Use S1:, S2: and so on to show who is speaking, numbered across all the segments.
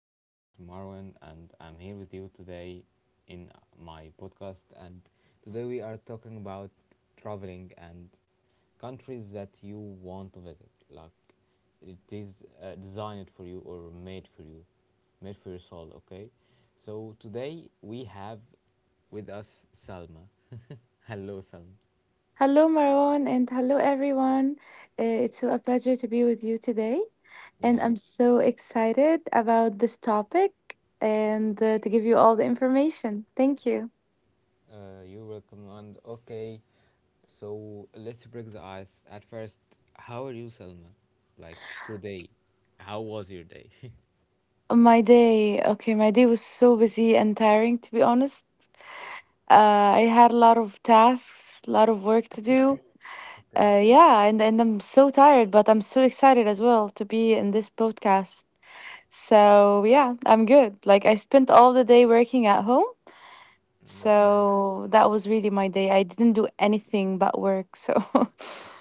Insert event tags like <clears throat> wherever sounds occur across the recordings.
S1: my name is Marwan, and I'm here with you today in my podcast. And today we are talking about traveling and countries that you want to visit. Like, it is designed for you or made for you, made for your soul. Okay, so today we have with us Salma. <laughs> Hello, Salma.
S2: Hello, Marwan, and hello, everyone. It's so a pleasure to be with you today, and
S1: Yeah.
S2: I'm so excited about this topic and to give you all the information. Thank you.
S1: You will command. Okay, so let's break the ice. At first, how are you, Selma? Like today, how was your day? <laughs>
S2: My day, okay, my day was so busy and tiring, to be honest. Uh, I had a lot of tasks, a lot of work to do.
S1: Okay,
S2: Yeah, and I'm so tired, but I'm so excited as well to be in this podcast. So, yeah, I'm good. Like, I spent all the day working at home.
S1: okay.
S2: So that was really my day. I didn't do anything but work. So,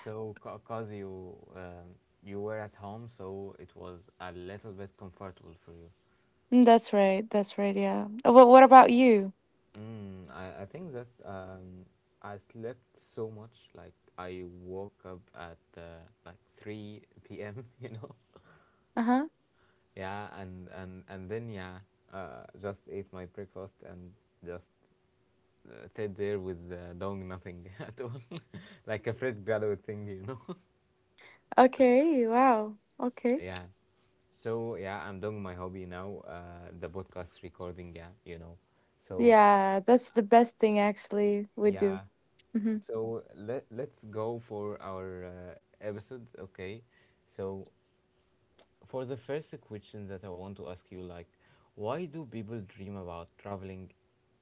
S1: So, cause you were at home, so it was a little bit comfortable for you.
S2: <laughs> that's right. That's right. Yeah. Well, what about you?
S1: I think that I slept so much. Like I woke up at like 3 p.m. <laughs> You know.
S2: Uh huh.
S1: Yeah, and then, yeah, just ate my breakfast and just stayed there with doing nothing <laughs> at all <laughs> like a fresh graduate thing.
S2: Okay. Wow.
S1: <laughs>
S2: Okay.
S1: Yeah, so yeah, I'm doing my hobby now, the podcast recording yeah you know so
S2: Yeah. That's the best thing
S1: y-
S2: actually we do.
S1: yeah
S2: Hmm.
S1: so let's go for our episode. Okay, so for the first question that I want to ask you, like, why do people dream about traveling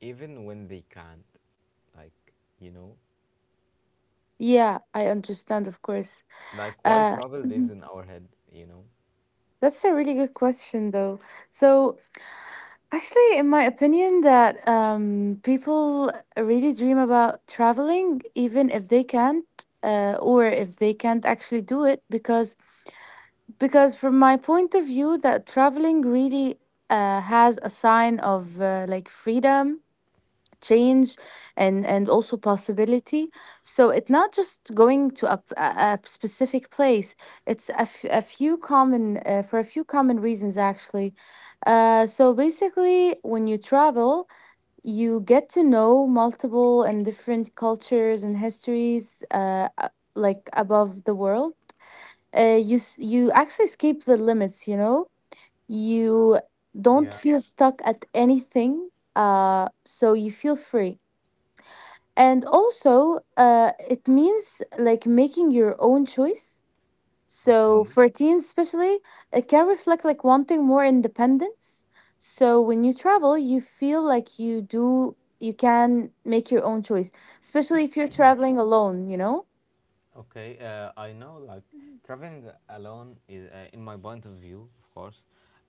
S1: even when they can't? Like, you know,
S2: Yeah. I understand, of course.
S1: like why
S2: Uh,
S1: travel lives
S2: Mhm.
S1: in our head, you know?
S2: That's a really good question, though. So actually, in my opinion, that people really dream about traveling, even if they can't or if they can't actually do it, because from my point of view, that traveling really has a sign of like freedom, change, and also possibility. So it's not just going to a specific place. It's a, f- a few common for a few common reasons, actually. So basically, when you travel, you get to know multiple and different cultures and histories, like above the world. You actually escape the limits, you know. You don't
S1: Yeah,
S2: feel stuck at anything. So you feel free, and also it means like making your own choice. So
S1: okay.
S2: for teens especially, it can reflect like wanting more independence. So when you travel, you feel like you can make your own choice, especially if you're traveling alone, you know.
S1: Okay, I know, like traveling alone is, in my point of view, of course,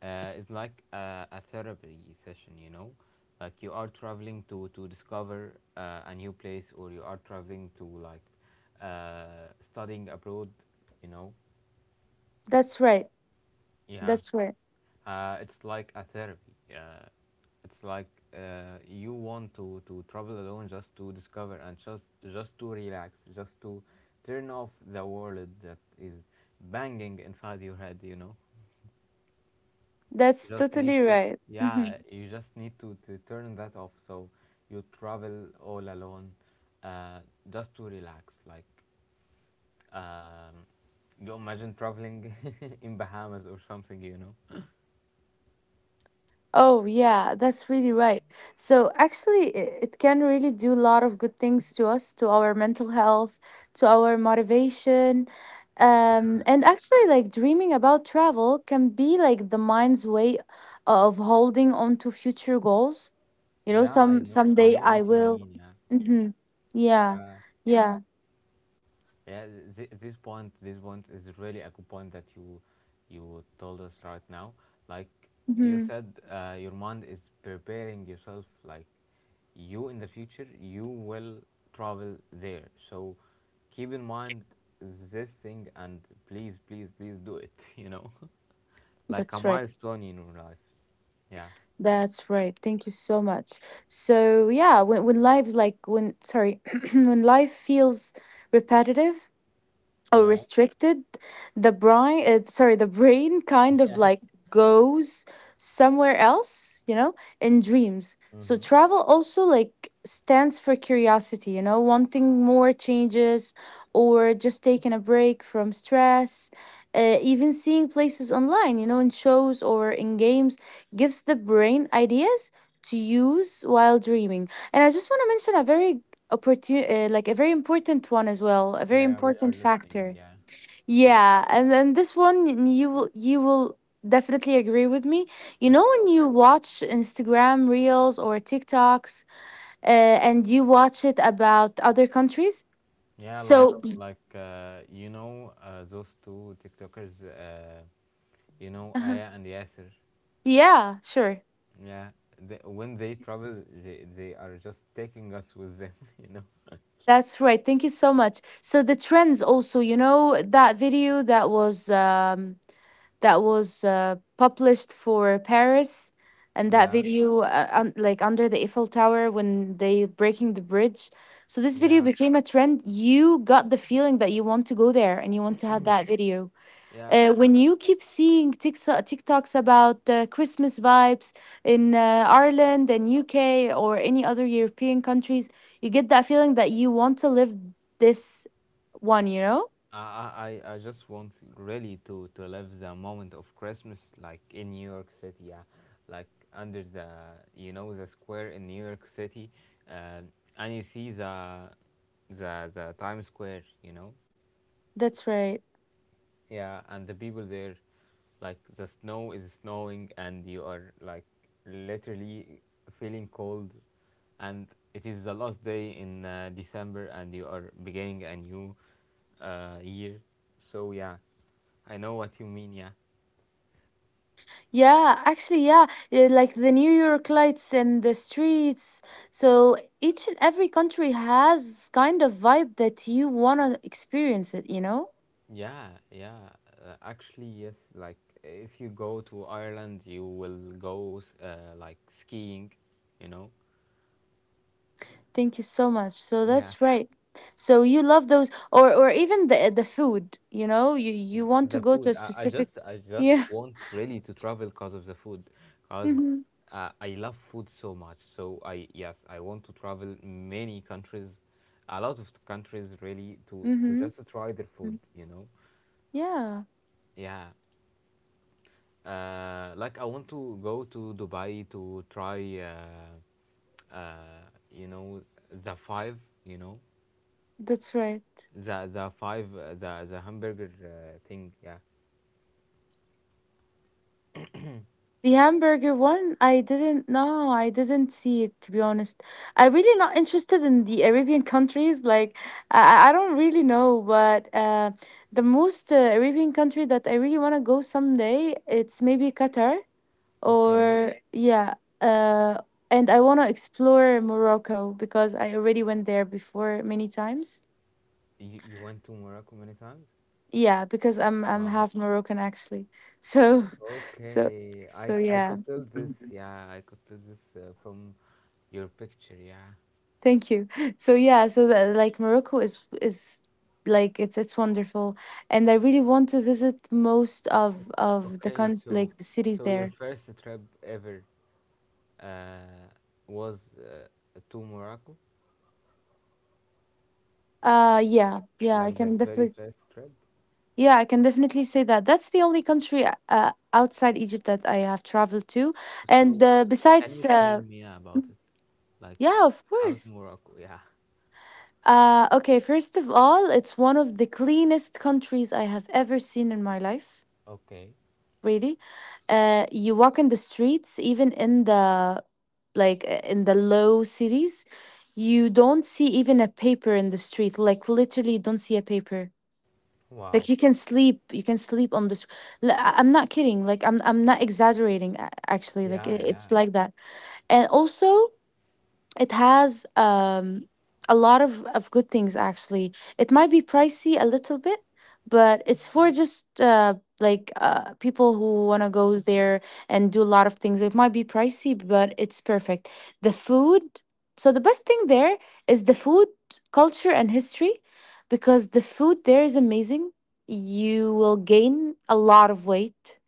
S1: is like a therapy session, you know? Like you are traveling to discover a new place, or you are traveling to, like, studying abroad, you know?
S2: That's right.
S1: Yeah,
S2: That's right.
S1: it's like a therapy. It's like, you want to travel alone, just to discover, and just to relax, just to turn off the world that is banging inside your head. You know,
S2: That's
S1: just need
S2: totally
S1: to
S2: right. Mhm.
S1: yeah, you just need to turn that off. So you travel all alone, uh, just to relax. Like um, you imagine traveling <laughs> in Bahamas or something. You know.
S2: Oh, yeah, that's really right. So, actually, it can really do a lot of good things to us, to our mental health, to our motivation. And actually, like dreaming about travel can be like the mind's way of holding on to future goals.
S1: Yeah, I know, I
S2: Someday
S1: know
S2: I
S1: what you
S2: will.
S1: mean. Yeah,
S2: Mm-hmm. Yeah,
S1: yeah,
S2: yeah.
S1: yeah. This point is really a good point that you told us right now. Like you
S2: Mm-hmm.
S1: said, your mind is preparing yourself. Like you, in the future, you will travel there. So keep in mind this thing and please, please, please do it. <laughs> Like a
S2: That's right.
S1: milestone in your life. Yeah.
S2: That's right. Thank you so much. So yeah, when life like when sorry, <clears throat> when life feels repetitive or
S1: Yeah,
S2: restricted, the brain sorry, the brain kind
S1: <laughs>
S2: of
S1: yeah,
S2: like goes somewhere else, you know, in dreams. So
S1: mm-hmm.
S2: travel also like stands for curiosity, you know, wanting more changes or just taking a break from stress. Even seeing places online, you know, in shows or in games, gives the brain ideas to use while dreaming. And I just want to mention a very opportunity, like a very important one as well, a very
S1: Yeah, we are
S2: important
S1: listening.
S2: factor.
S1: Yeah. Till.
S2: Yeah, and then this one, you will definitely agree with me. You know, when you watch Instagram reels or TikToks, and you watch it about other countries.
S1: Yeah, like
S2: so y-
S1: like those two TikTokers, you know
S2: uh-huh.
S1: Aya and Yasser.
S2: Yeah, sure.
S1: Yeah, when they travel, they are just taking us with them. <laughs> You know.
S2: That's right. Thank you so much. So the trends also, you know, that video that was published for Paris, and that
S1: Yeah,
S2: video, like under the Eiffel Tower when they breaking the bridge. So this video
S1: yeah,
S2: became a trend. You got the feeling that you want to go there and you want to have that video.
S1: yeah.
S2: When you keep seeing TikToks about Christmas vibes in Ireland and UK or any other European countries, you get that feeling that you want to live this one. You know.
S1: I just want really to live the moment of Christmas, like in New York City. Yeah, like under the you know the square in New York City, uh, and you see the Times Square. You know
S2: That's right.
S1: yeah and the people there, like the snow is snowing, and you are like literally feeling cold, and it is the last day in December, and you are beginning a new year. So yeah, I know what you mean. Yeah,
S2: Yeah, actually, yeah, eh, like the New York lights and the streets. So each and every country has kind of vibe that you want to experience it, you know?
S1: yeah, yeah, actually yes, like if you go to Ireland you will go like skiing you know
S2: Thank you so much. So
S1: yeah
S2: that's right. So you love those, or even the food, you know? You want to
S1: the
S2: go to
S1: food.
S2: a
S1: I, I
S2: specific.
S1: just i just
S2: Yeah.
S1: want really to travel because of the food,
S2: <laughs>
S1: because
S2: Mhm.
S1: I love food so much. So I, yes, I want to travel many countries, a lot of countries, really to
S2: Mhm.
S1: just try their food.
S2: Yeah,
S1: Yeah, like I want to go to Dubai to try, uh you know the five you know
S2: that's right.
S1: the five the hamburger thing. Yeah,
S2: The hamburger one, I didn't know. I didn't see it, to be honest. I'm really not interested in the Arabian countries. Like, I don't really know. But the most Arabian country that I really want to go someday, it's maybe Qatar or
S1: okay.
S2: okay. Yeah. Uh, and I want to explore Morocco because I already went there before many times.
S1: You went to Morocco many times.
S2: Yeah, because I'm
S1: Wow.
S2: half Moroccan, actually. So, <laughs> so,
S1: Okay,
S2: so
S1: I
S2: yeah.
S1: could tell this. Yeah, I could tell this from your picture. Yeah.
S2: Thank you. So yeah, so that, like Morocco is like it's wonderful, and I really want to visit most of
S1: O-
S2: of the
S1: Okay,
S2: con
S1: so
S2: like the cities
S1: so your
S2: there.
S1: first trip ever, uh, was, to Morocco,
S2: Uh, yeah,
S1: like
S2: yeah, I
S1: like the
S2: can
S1: very
S2: definitely
S1: first trip.
S2: yeah, I can definitely say that. That's the only country outside Egypt that I have traveled to, and
S1: So can
S2: besides
S1: you tell me about it? Like,
S2: yeah, of
S1: how's
S2: course.
S1: Morocco? Yeah.
S2: Okay, first of all, it's one of the cleanest countries I have ever seen in my life.
S1: Okay.
S2: Really. You walk in the streets, even in the in the low cities, you don't see even a paper in the street. Like, literally, you don't see a paper.
S1: Wow.
S2: Like you can sleep on this. I'm not kidding. Like, I'm not exaggerating, actually. Like,
S1: Yeah, yeah.
S2: it's like that. And also, it has a lot of good things, actually. It might be pricey a little bit, but it's for just people who want to go there and do a lot of things. It might be pricey, but it's perfect. The food, so the best thing there is the food, culture, and history, because the food there is amazing. You will gain a lot of weight.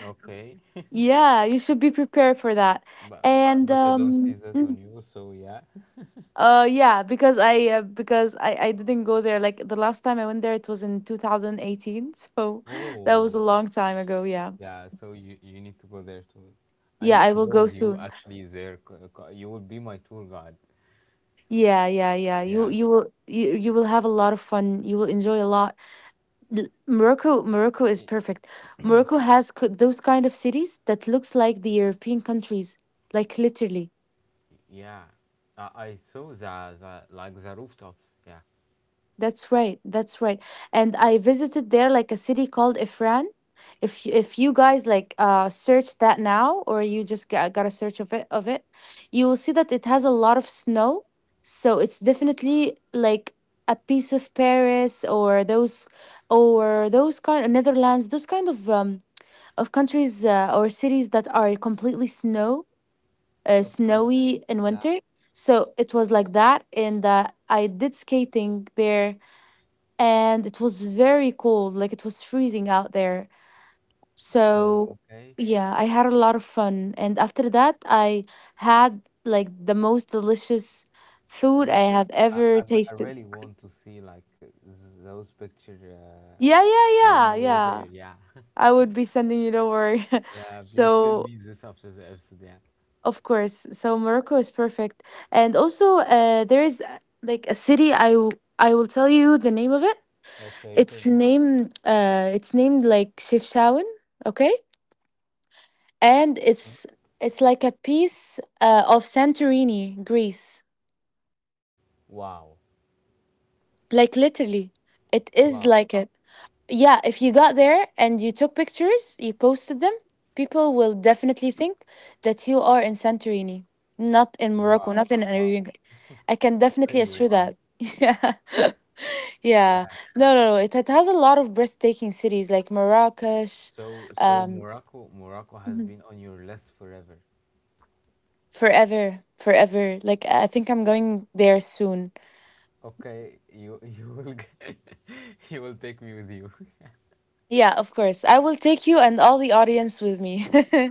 S1: Okay. <laughs>
S2: Yeah, you should be prepared for that.
S1: But
S2: And
S1: but I don't see that on you, so yeah.
S2: Yeah, because I didn't go there. Like the last time I went there it was in 2018, so
S1: <laughs>
S2: <laughs> that was a
S1: Oh,
S2: long time ago, yeah.
S1: yeah, so you need to go there too. I
S2: Yeah,
S1: need
S2: I
S1: to
S2: will
S1: go
S2: go
S1: with you
S2: soon.
S1: actually there. You will be my tour guide.
S2: Yeah, yeah, yeah.
S1: Yeah.
S2: You will have a lot of fun. You will enjoy a lot. Morocco is
S1: Y-
S2: perfect. Morocco has those kind of cities that looks like the European countries, like literally.
S1: Yeah. I saw the rooftops. Yeah.
S2: That's right. That's right. And I visited there like a city called Ifran. If you guys like search that now or you just got a search of it, you will see that it has a lot of snow. So it's definitely like a piece of Paris, or those kind of Netherlands, those kind of countries or cities that are completely snow
S1: Okay.
S2: snowy in
S1: Yeah.
S2: winter. So it was like that, and I did skating there, and it was very cold. Like it was freezing out there.
S1: So
S2: So
S1: okay,
S2: yeah, I had a lot of fun, and after that I had like the most delicious food
S1: like
S2: I have ever
S1: I
S2: tasted.
S1: really want to see, like, those pictures,
S2: yeah yeah
S1: when
S2: yeah
S1: you were there.
S2: yeah
S1: Yeah. <laughs>
S2: I would be sending you over. <laughs>
S1: Yeah. Please send
S2: So,
S1: me this after the episode. Yeah.
S2: of course. So Morocco is perfect. And also, there is, like a city I will tell you the name of it.
S1: Okay. Tell me.
S2: It's named like Chefchaouen, okay, and it's like a piece of Santorini, Greece.
S1: Wow.
S2: Like, literally, it is
S1: Wow.
S2: like it. Yeah, if you got there and you took pictures, you posted them, people will definitely think that you are in Santorini, not in Morocco,
S1: Wow.
S2: not in an Arabian
S1: Wow.
S2: country. I can definitely
S1: Really
S2: assure
S1: wow.
S2: that. <laughs> Yeah. Yeah.
S1: Yeah.
S2: No, no, no. It has a lot of breathtaking cities like Marrakesh,
S1: So, so
S2: um,
S1: Morocco, Morocco has
S2: Mhm.
S1: been on your list forever.
S2: Forever, forever. Like, I think I'm going there soon.
S1: Okay, you <laughs> <laughs> you will take me with you. <laughs>
S2: Yeah, of course. I will take you and all the audience with me. <laughs>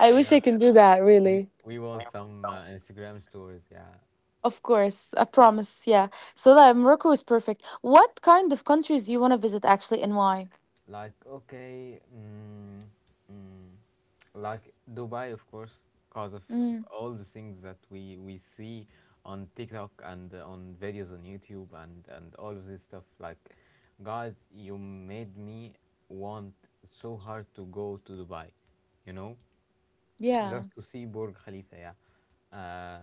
S2: I wish I
S1: Yeah,
S2: can do that,
S1: we
S2: really.
S1: we want some Instagram stories. Yeah.
S2: Of course, I promise. Yeah. So that Morocco is perfect. What kind of countries do you want to visit actually and why?
S1: Like, okay, mm, like Dubai, of course, because of
S2: Mm,
S1: all the things that we see on TikTok, and on videos on YouTube, and all of this stuff. Like, guys, you made me want so hard to go to Dubai, you know,
S2: yeah.
S1: just to see Burj Khalifa, yeah,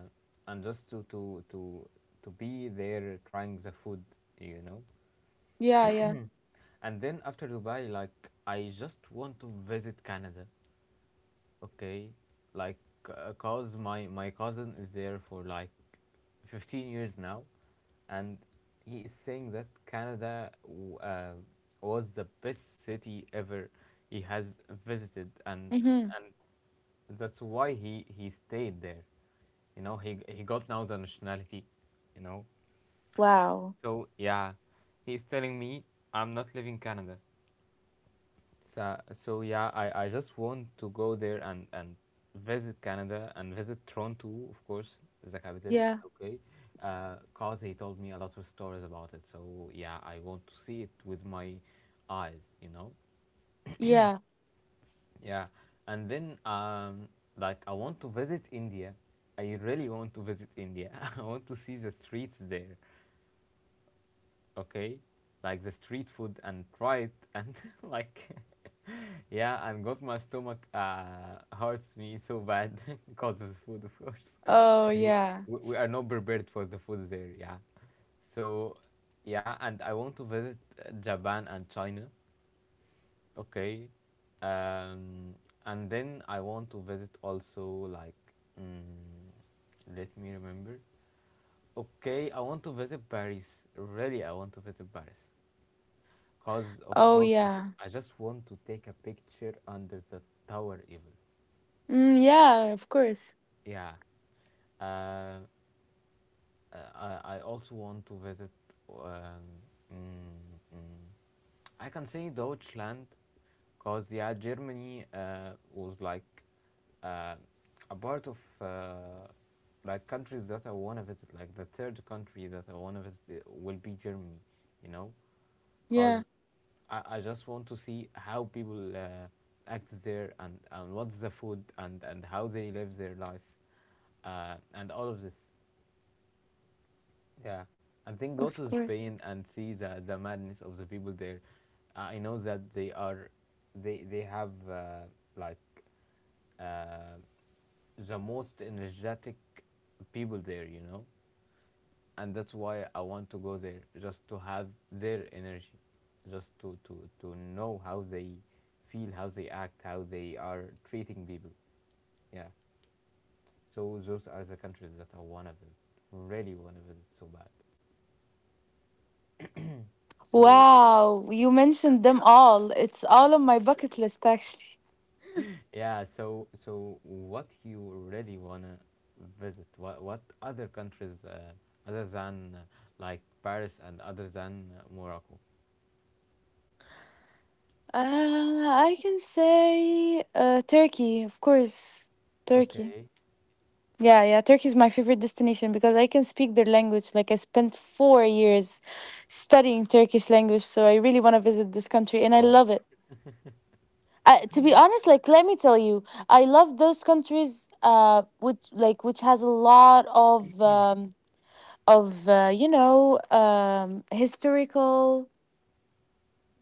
S1: and just to be there trying the food, you know.
S2: Yeah, yeah.
S1: And then after Dubai, like, I just want to visit Canada, okay? Like, cause my cousin is there for like 15 years now, and he is saying that Canada was the best city ever he has visited, and
S2: Mm-hmm.
S1: and that's why he stayed there. He got now the nationality. You know,
S2: Wow.
S1: so yeah, he's telling me I'm not leaving Canada. So, yeah, I just want to go there, and, visit Canada and visit Toronto, of course, the capital,
S2: Yeah.
S1: okay? Because he told me a lot of stories about it. So, yeah, I want to see it with my eyes, you know?
S2: Yeah.
S1: Yeah. And then, like, I want to visit India. I really want to visit India. <laughs> I want to see the streets there. Okay, like the street food, and try it, and <laughs> like <laughs> yeah, and got my stomach hurts me so bad <laughs> because of the food, of course. <laughs>
S2: Oh,
S1: 'Cause we,
S2: yeah.
S1: we we are not prepared for the food there. Yeah. So yeah, and I want to visit Japan and China. Okay. um and then I want to visit also, like, mm, let me remember. Okay, I want to visit Paris, really, I want to visit Paris, cause of
S2: Oh,
S1: Borg Evil.
S2: yeah.
S1: I just want to take a picture under the tower evil.
S2: Mm, yeah, of course.
S1: Yeah. Uh, uh, I also want to visit. Um, mm, mm, I can say Deutschland, cause yeah, Germany was, like, uh, a part of, like, countries that I wanna visit. Like, the third country that I wanna visit, will be Germany, you know, cause
S2: Yeah,
S1: I just want to see how people act there, and what's the food, and how they live their life, and all of this. Yeah, I think go
S2: of
S1: to
S2: course.
S1: Spain and see the madness of the people there. I know that they have like, uh, the most energetic people there, and that's why I want to go there just to have their energy, just to know how they feel, how they act, how they are treating people. Yeah, so those are the countries that I wanna visit, really wanna visit so bad. So
S2: Wow, you mentioned them all. It's all on my bucket list, actually.
S1: yeah, so what you really wanna visit? What other countries other than like Paris, and other than Morocco?
S2: Uh, I can say Turkey, of course. Turkey.
S1: Okay.
S2: Yeah, yeah. Turkey is my favorite destination because I can speak their language. Like I spent 4 years studying Turkish language, so I really want to visit this country, and I
S1: Oh,
S2: love it. To be honest, like, let me tell you, I love those countries. Which which has a lot of you know, historical,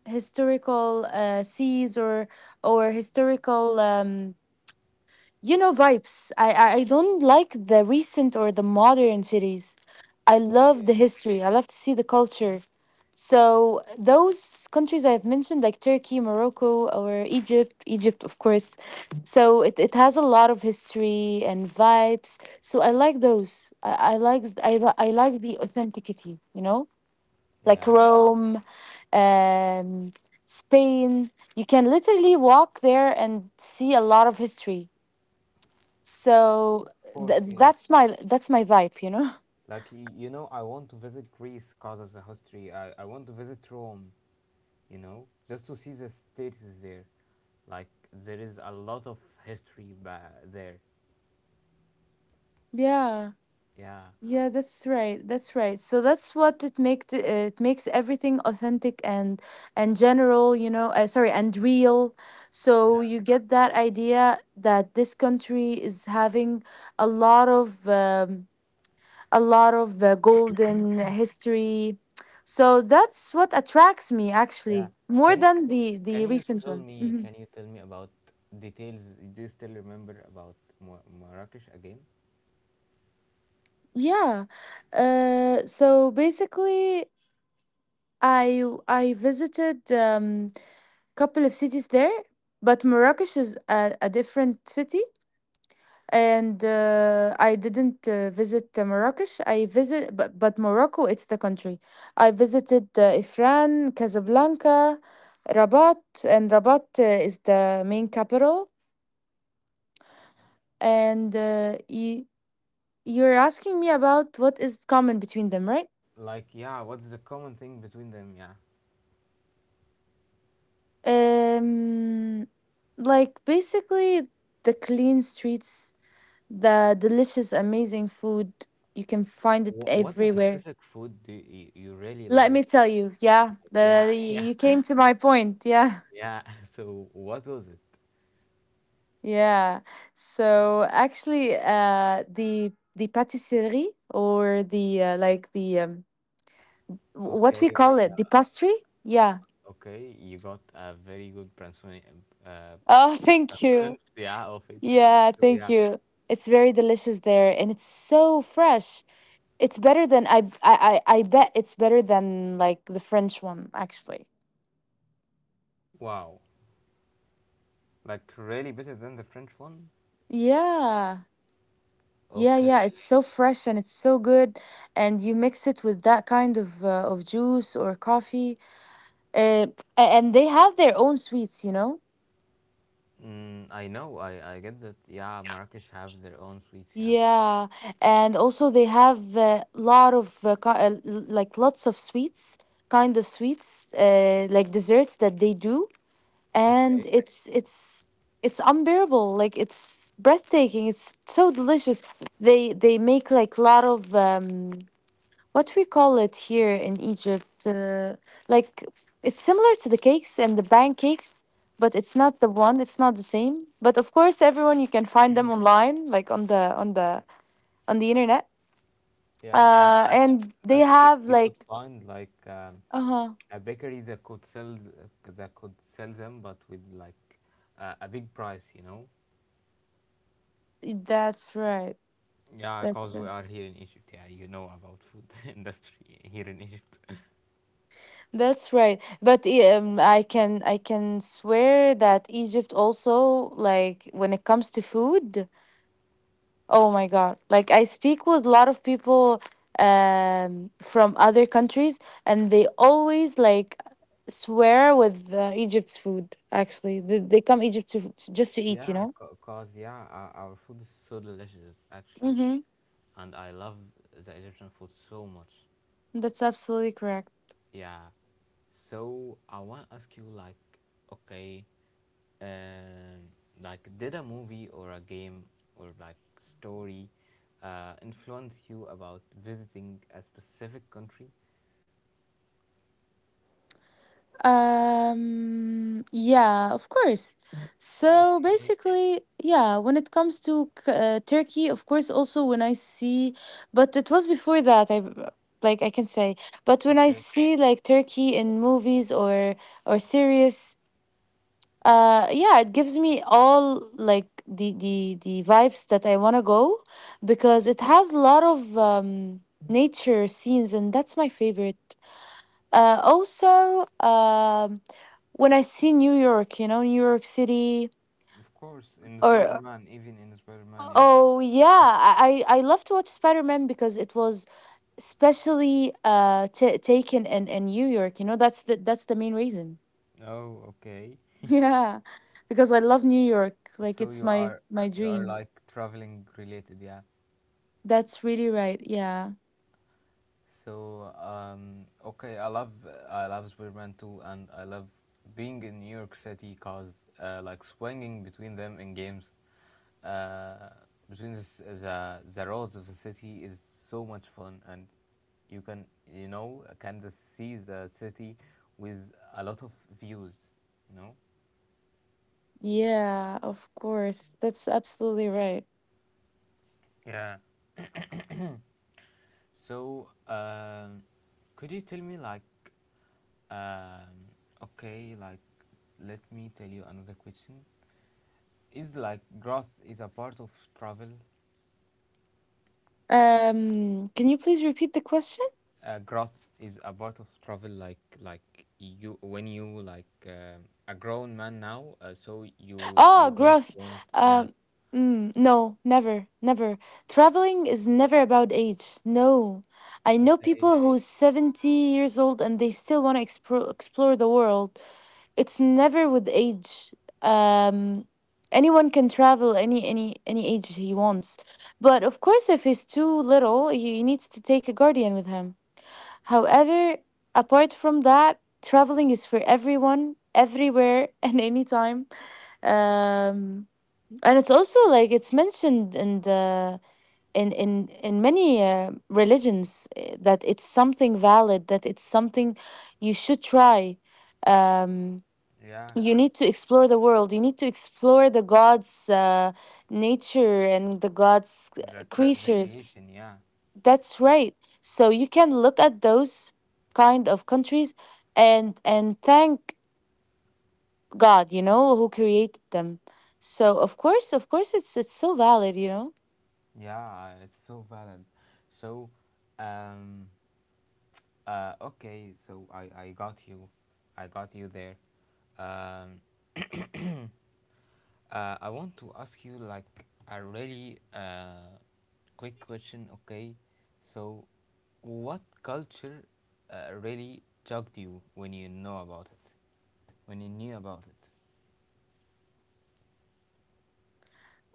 S2: seas or historical, you know, vibes. I don't like the recent or the modern cities. I love the
S1: okay.
S2: history. I love to see the culture. So those countries I've mentioned, like Turkey, Morocco, or Egypt, Egypt, of course. So it has a lot of history and vibes. So I like those. I like the authenticity, you know, like
S1: Yeah.
S2: Rome, um, Spain. You can literally walk there and see a lot of history,
S1: Y-
S2: so
S1: Of course,
S2: th-
S1: yeah.
S2: that's my that's my vibe, you know. <laughs>
S1: Like, I want to visit Greece because of the history. I want to visit Rome, just to see the status there. Like, there is a lot of history there.
S2: Yeah,
S1: Yeah.
S2: yeah, that's right. That's right. So that's what it makes everything authentic and general, you know. Sorry, and real. So you get that idea that this country is having a lot of um, a lot of golden history. So that's what attracts me
S1: Yeah.
S2: actually more
S1: Can you
S2: than
S1: c-
S2: the
S1: can you
S2: recent
S1: tell
S2: one.
S1: me,
S2: Mm-hmm.
S1: about details? Do you still remember about Marrakesh again?
S2: Yeah. So basically, I visited couple of cities there, but Marrakesh is a different city, and I didn't visit Marrakesh. I visit, but Morocco, it's the country. I visited Ifran, Casablanca, Rabat, and Rabat is the main capital. And you you're asking me about what is common between them, right?
S1: Like, yeah, what's the common thing between them? Yeah.
S2: Um, like basically the clean streets, the delicious, amazing food. You can find it
S1: What
S2: everywhere.
S1: specific food do you really
S2: Let
S1: like? Like,
S2: me tell you, yeah,
S1: yeah,
S2: the
S1: <laughs>
S2: you
S1: yeah,
S2: came to my point, yeah,
S1: yeah. <laughs> So what was it?
S2: <laughs> yeah. So actually, the patisserie or the like the what
S1: Okay,
S2: we call it, the pastry, yeah.
S1: you got a very good pronunciation,
S2: Oh, <laughs> thank
S1: <laughs>
S2: you.
S1: of it.
S2: Yeah,
S1: So
S2: thank
S1: yeah,
S2: you. It's very delicious there, and it's so fresh. It's better than I bet it's better than like the French one actually.
S1: wow, like really better than the French one.
S2: Yeah. Yeah, yeah, it's
S1: Okay.
S2: so fresh and it's so good, and you mix it with that kind of juice or coffee. Uh, and they have their own sweets, you know?
S1: I know. I get that. Yeah, Marrakesh have their own sweets. Yeah.
S2: Yeah, and also they have a lot of like lots of sweets, kind of sweets, like desserts that they do, and
S1: Okay.
S2: it's it's unbearable, like it's breathtaking, it's so delicious. They make like a lot of what we call it here in Egypt, like it's similar to the cakes and the pancakes, but it's not the one, it's not the same. But of course, everyone, you can find them online, like on the on the internet.
S1: Yeah, and,
S2: And they
S1: that you
S2: have
S1: you could
S2: like
S1: find, like,
S2: uh-huh
S1: a bakery that could sell them, but with, like, a big price. You know.
S2: that's right.
S1: Yeah,
S2: that's
S1: cause we
S2: right
S1: are here in Egypt. Yeah, you know about food <laughs> industry here in Egypt.
S2: That's right. But I can swear that Egypt also, like when it comes to food, oh my God. Like I speak with a lot of people from other countries, and they always like swear with Egypt's food actually. They come Egypt to just to eat, you
S1: Yeah,
S2: know?
S1: cause yeah, our food is so delicious actually,
S2: Mhm.
S1: and I love the Egyptian food so much.
S2: That's absolutely correct.
S1: Yeah. So I want to ask you like, okay, And like, did a movie or a game or like story influence you about visiting a specific country?
S2: Yeah, of course. So
S1: Okay,
S2: basically, yeah, when it comes to Turkey, of course, also when I see, but it was before that, I like I can say. But when I
S1: okay.
S2: see like Turkey in movies or series, yeah, it gives me all like the vibes that I want to go, because it has a lot of nature scenes, and that's my favorite. Also, when I see New York, you know, New York City,
S1: Of course, in
S2: or
S1: Spider-Man, even in Spider-Man, yeah.
S2: oh yeah, I love to watch Spider Man, because it was specially ta taken in New York. You know, that's the main reason. <laughs>
S1: Oh, okay.
S2: Yeah, because I love New York. Like
S1: So
S2: it's
S1: you
S2: my
S1: are
S2: my
S1: you are
S2: dream.
S1: like traveling related, yeah.
S2: That's really right. Yeah,
S1: So okay, I love Spider-Man 2 and I love being in New York City cause like swinging between them in games, uh, between the roads of the city is so much fun and you can you know can just see the city with a lot of views, you know.
S2: yeah, of course. That's absolutely right.
S1: Yeah. So, could you tell me, like, um, okay, like, let me tell you another question. Is like grass is a part of travel?
S2: Can you please repeat the question?
S1: Grass is a part of travel, like you when you like a grown man now, so you
S2: Oh,
S1: don't
S2: growth.
S1: want, yeah.
S2: Um, no, never, never. Traveling is never about age. No. I know
S1: Okay.
S2: people who's 70 years old and they still want to explore the world. It's never with age. Um, anyone can travel any age he wants. But of course, if he's too little, he needs to take a guardian with him. However, apart from that, traveling is for everyone, everywhere, <laughs> and anytime, um and it's also like it's mentioned in the in many religions, that it's something valid, that it's something you should try. um
S1: Yeah,
S2: you need to explore the world, you need to explore the god's nature and the god's
S1: the cre- the
S2: creatures.
S1: creation, yeah,
S2: That's right, so you can look at those kind of countries and thank God, you know, who created them. So of course, it's so valid, you know.
S1: yeah, it's so valid. So, um, okay, so I got you. I got you there. Um, <clears throat> I want to ask you like a really quick question, okay? So, what culture really shocked you when you know about it? When you knew about it?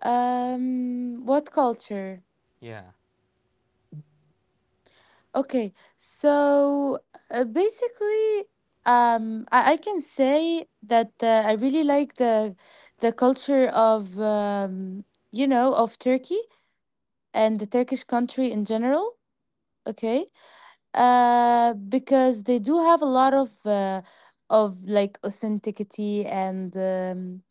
S2: What culture?
S1: Yeah.
S2: Okay, so basically, I can say that I really like the culture of you know, of Turkey and the Turkish country in general. Okay, because they do have a lot of like authenticity and.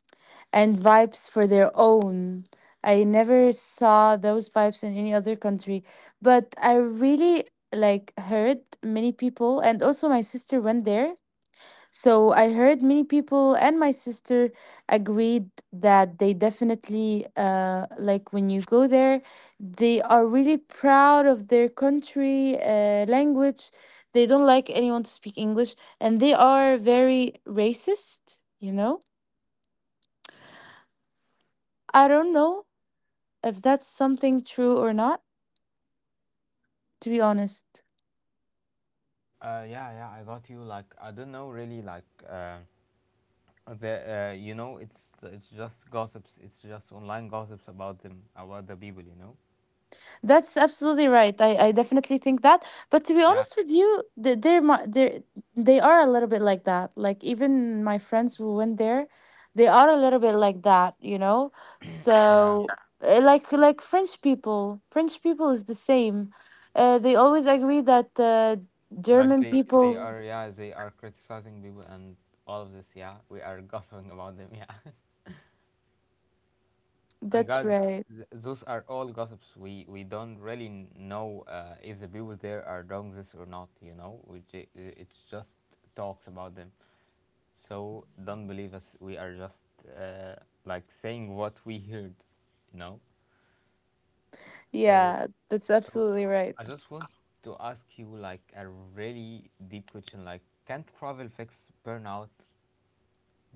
S2: And vibes for their own. I never saw those vibes in any other country, but I really like heard many people, and also my sister went there. So I heard many people and my sister agreed that they definitely like when you go there, they are really proud of their country language. They don't like anyone to speak English, and they are very racist, you know? I don't know if that's something true or not, to be honest.
S1: Yeah, yeah, I got you. Like, I don't know really, like, the, you know, it's just gossips. It's just online gossips about them, about the people, you know?
S2: That's absolutely right. I definitely think that. But to be
S1: Yeah,
S2: honest with you, they're, they are a little bit like that. Like, even my friends who went there, they are a little bit like that, you know?
S1: yeah.
S2: So, like French people is the same. They always agree that
S1: Like
S2: German
S1: they
S2: people,
S1: are yeah they are criticizing people and all of this, yeah, we are <laughs> gossiping about them, yeah. <laughs> And
S2: that's
S1: guys,
S2: right.
S1: those are all gossips. We don't really know if the people there are doing this or not, you know, it's just talks about them, so don't believe us. We are just uh, like saying what we heard, you know. so
S2: Yeah, that's
S1: so
S2: absolutely right.
S1: I just want to ask you like a really deep question, like can travel fix burnout?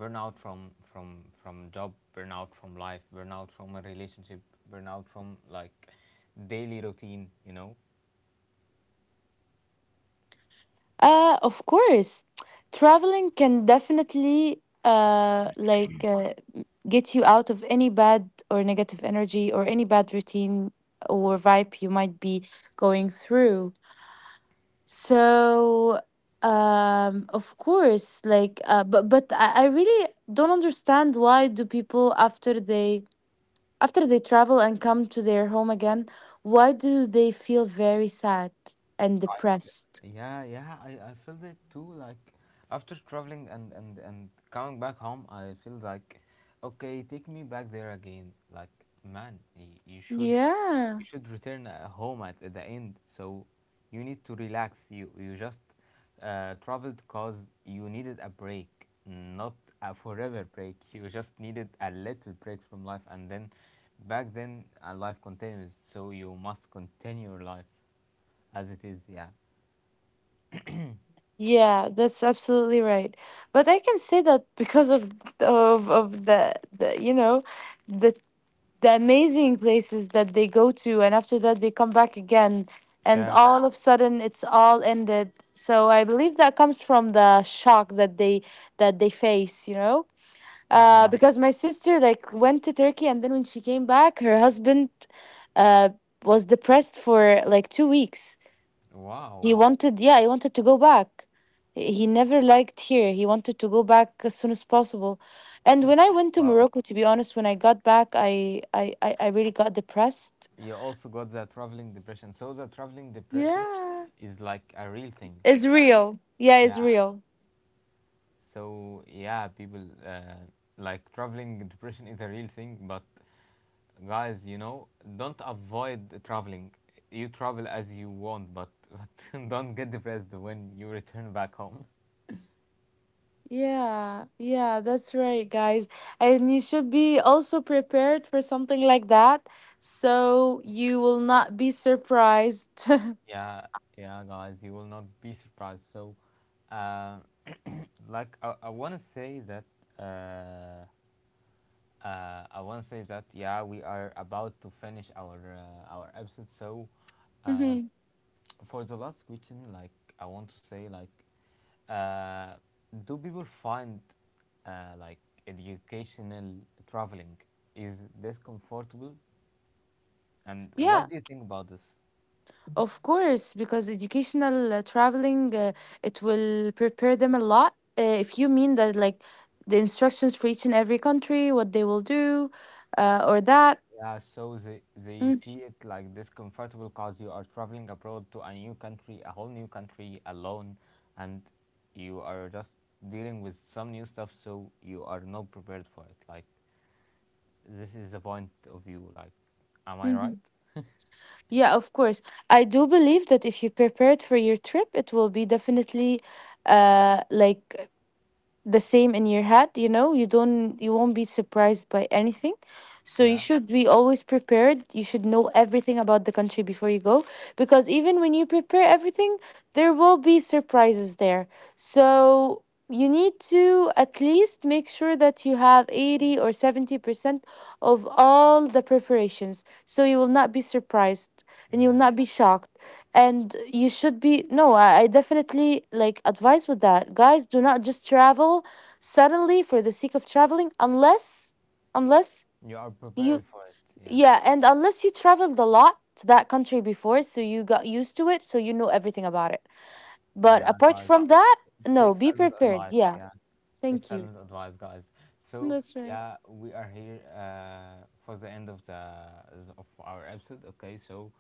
S1: Burnout from job burnout from life, burnout from a relationship, burnout from like daily routine, you know.
S2: Of course, traveling can definitely get you out of any bad or negative energy or any bad routine or vibe you might be going through. So, of course, like, but I really don't understand why do people after they travel and come to their home again, why do they feel very sad and depressed?
S1: Yeah, yeah, I felt it too. Like after traveling and coming back home, I feel like, okay, take me back there again. Like man,
S2: Yeah.
S1: you should return home at the end. So you need to relax. You just traveled cause you needed a break, not a forever break. You just needed a little break from life, and then back then life continues. So you must continue your life as it is. Yeah.
S2: Yeah, that's absolutely right. But I can say that because of the you know the the amazing places that they go to, and after that they come back again, and
S1: Yeah,
S2: all of a sudden it's all ended. So I believe that comes from the shock that they face, you know.
S1: yeah, I know.
S2: Because my sister like went to Turkey, and then when she came back, her husband uh was depressed for like 2 weeks. He
S1: Wow,
S2: wanted, yeah, he wanted to go back. He never liked here. He wanted to go back as soon as possible. And when I went to Morocco, to be honest, when I got back, I really got depressed.
S1: you also got the traveling depression. So the traveling depression
S2: Yeah.
S1: is like a real thing.
S2: It's real. Yeah, it's
S1: Yeah.
S2: real.
S1: So yeah, people, like traveling depression is a real thing. But guys, you know, don't avoid traveling. You travel as you want, but <laughs> but don't get depressed when you return back home.
S2: Yeah, yeah, that's right, guys. And you should be also prepared for something like that, so you will not be surprised. <laughs>
S1: Yeah, yeah, guys, you will not be surprised. So, uh, like, I want to say that uh, I want to say that yeah, we are about to finish our episode. So, uh,
S2: Mhm.
S1: for the last question, like I want to say, like, uh, do people find like educational traveling, is this comfortable? And
S2: Yeah,
S1: what do you think about this?
S2: of course, because educational traveling, it will prepare them a lot. If you mean that, like the instructions for each and every country, what they will do, or that.
S1: Yeah, so they
S2: Mm,
S1: see it like discomfortable because you are traveling abroad to a new country, a whole new country alone, and you are just dealing with some new stuff, so you are not prepared for it. Like, this is the point of view. Like, am I right?
S2: mm-hmm. Yeah, of course. I do believe that if you prepare it for your trip, it will be definitely like the same in your head, you know. You don't, you won't be surprised by anything, so you
S1: Yeah,
S2: should be always prepared. You should know everything about the country before you go, because even when you prepare everything, there will be surprises there. So you need to at least make sure that you have 80 or 70% of all the preparations, so you will not be surprised and you will
S1: yeah.
S2: not be shocked, and you should be no. I definitely like advise with that, guys: do not just travel suddenly for the sake of traveling unless unless
S1: You are
S2: you
S1: prepared for it. Yeah,
S2: yeah, and unless you traveled a lot to that country before, so you got used to it, so you know everything about it. But
S1: yeah,
S2: apart
S1: guys.
S2: from that, no,
S1: Take
S2: be
S1: Salim's
S2: prepared,
S1: advice.
S2: yeah.
S1: Yeah, take
S2: Thank you.
S1: Salim's advice, guys. So
S2: That's right.
S1: yeah, we are here for the end of the of our episode. Okay, so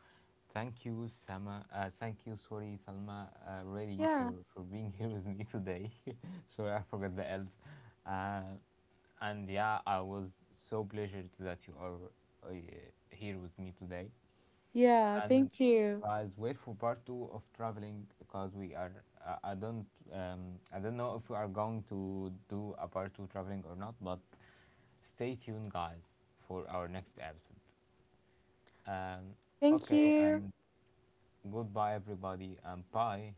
S1: thank you, Sama. Thank you, sorry, Salma, really
S2: Yeah,
S1: for being <laughs> here with me today. <laughs> Sorry, I forgot the elf. Uh, and yeah, I was so pleasured that you are uh, here with me today.
S2: yeah.
S1: And
S2: Thank you,
S1: guys, wait for part two of traveling because we are. I don't. I don't know if we are going to do a part two traveling or not, but stay tuned, guys, for our next episode. Um,
S2: thank
S1: okay,
S2: you.
S1: and goodbye, everybody. I'm Pai.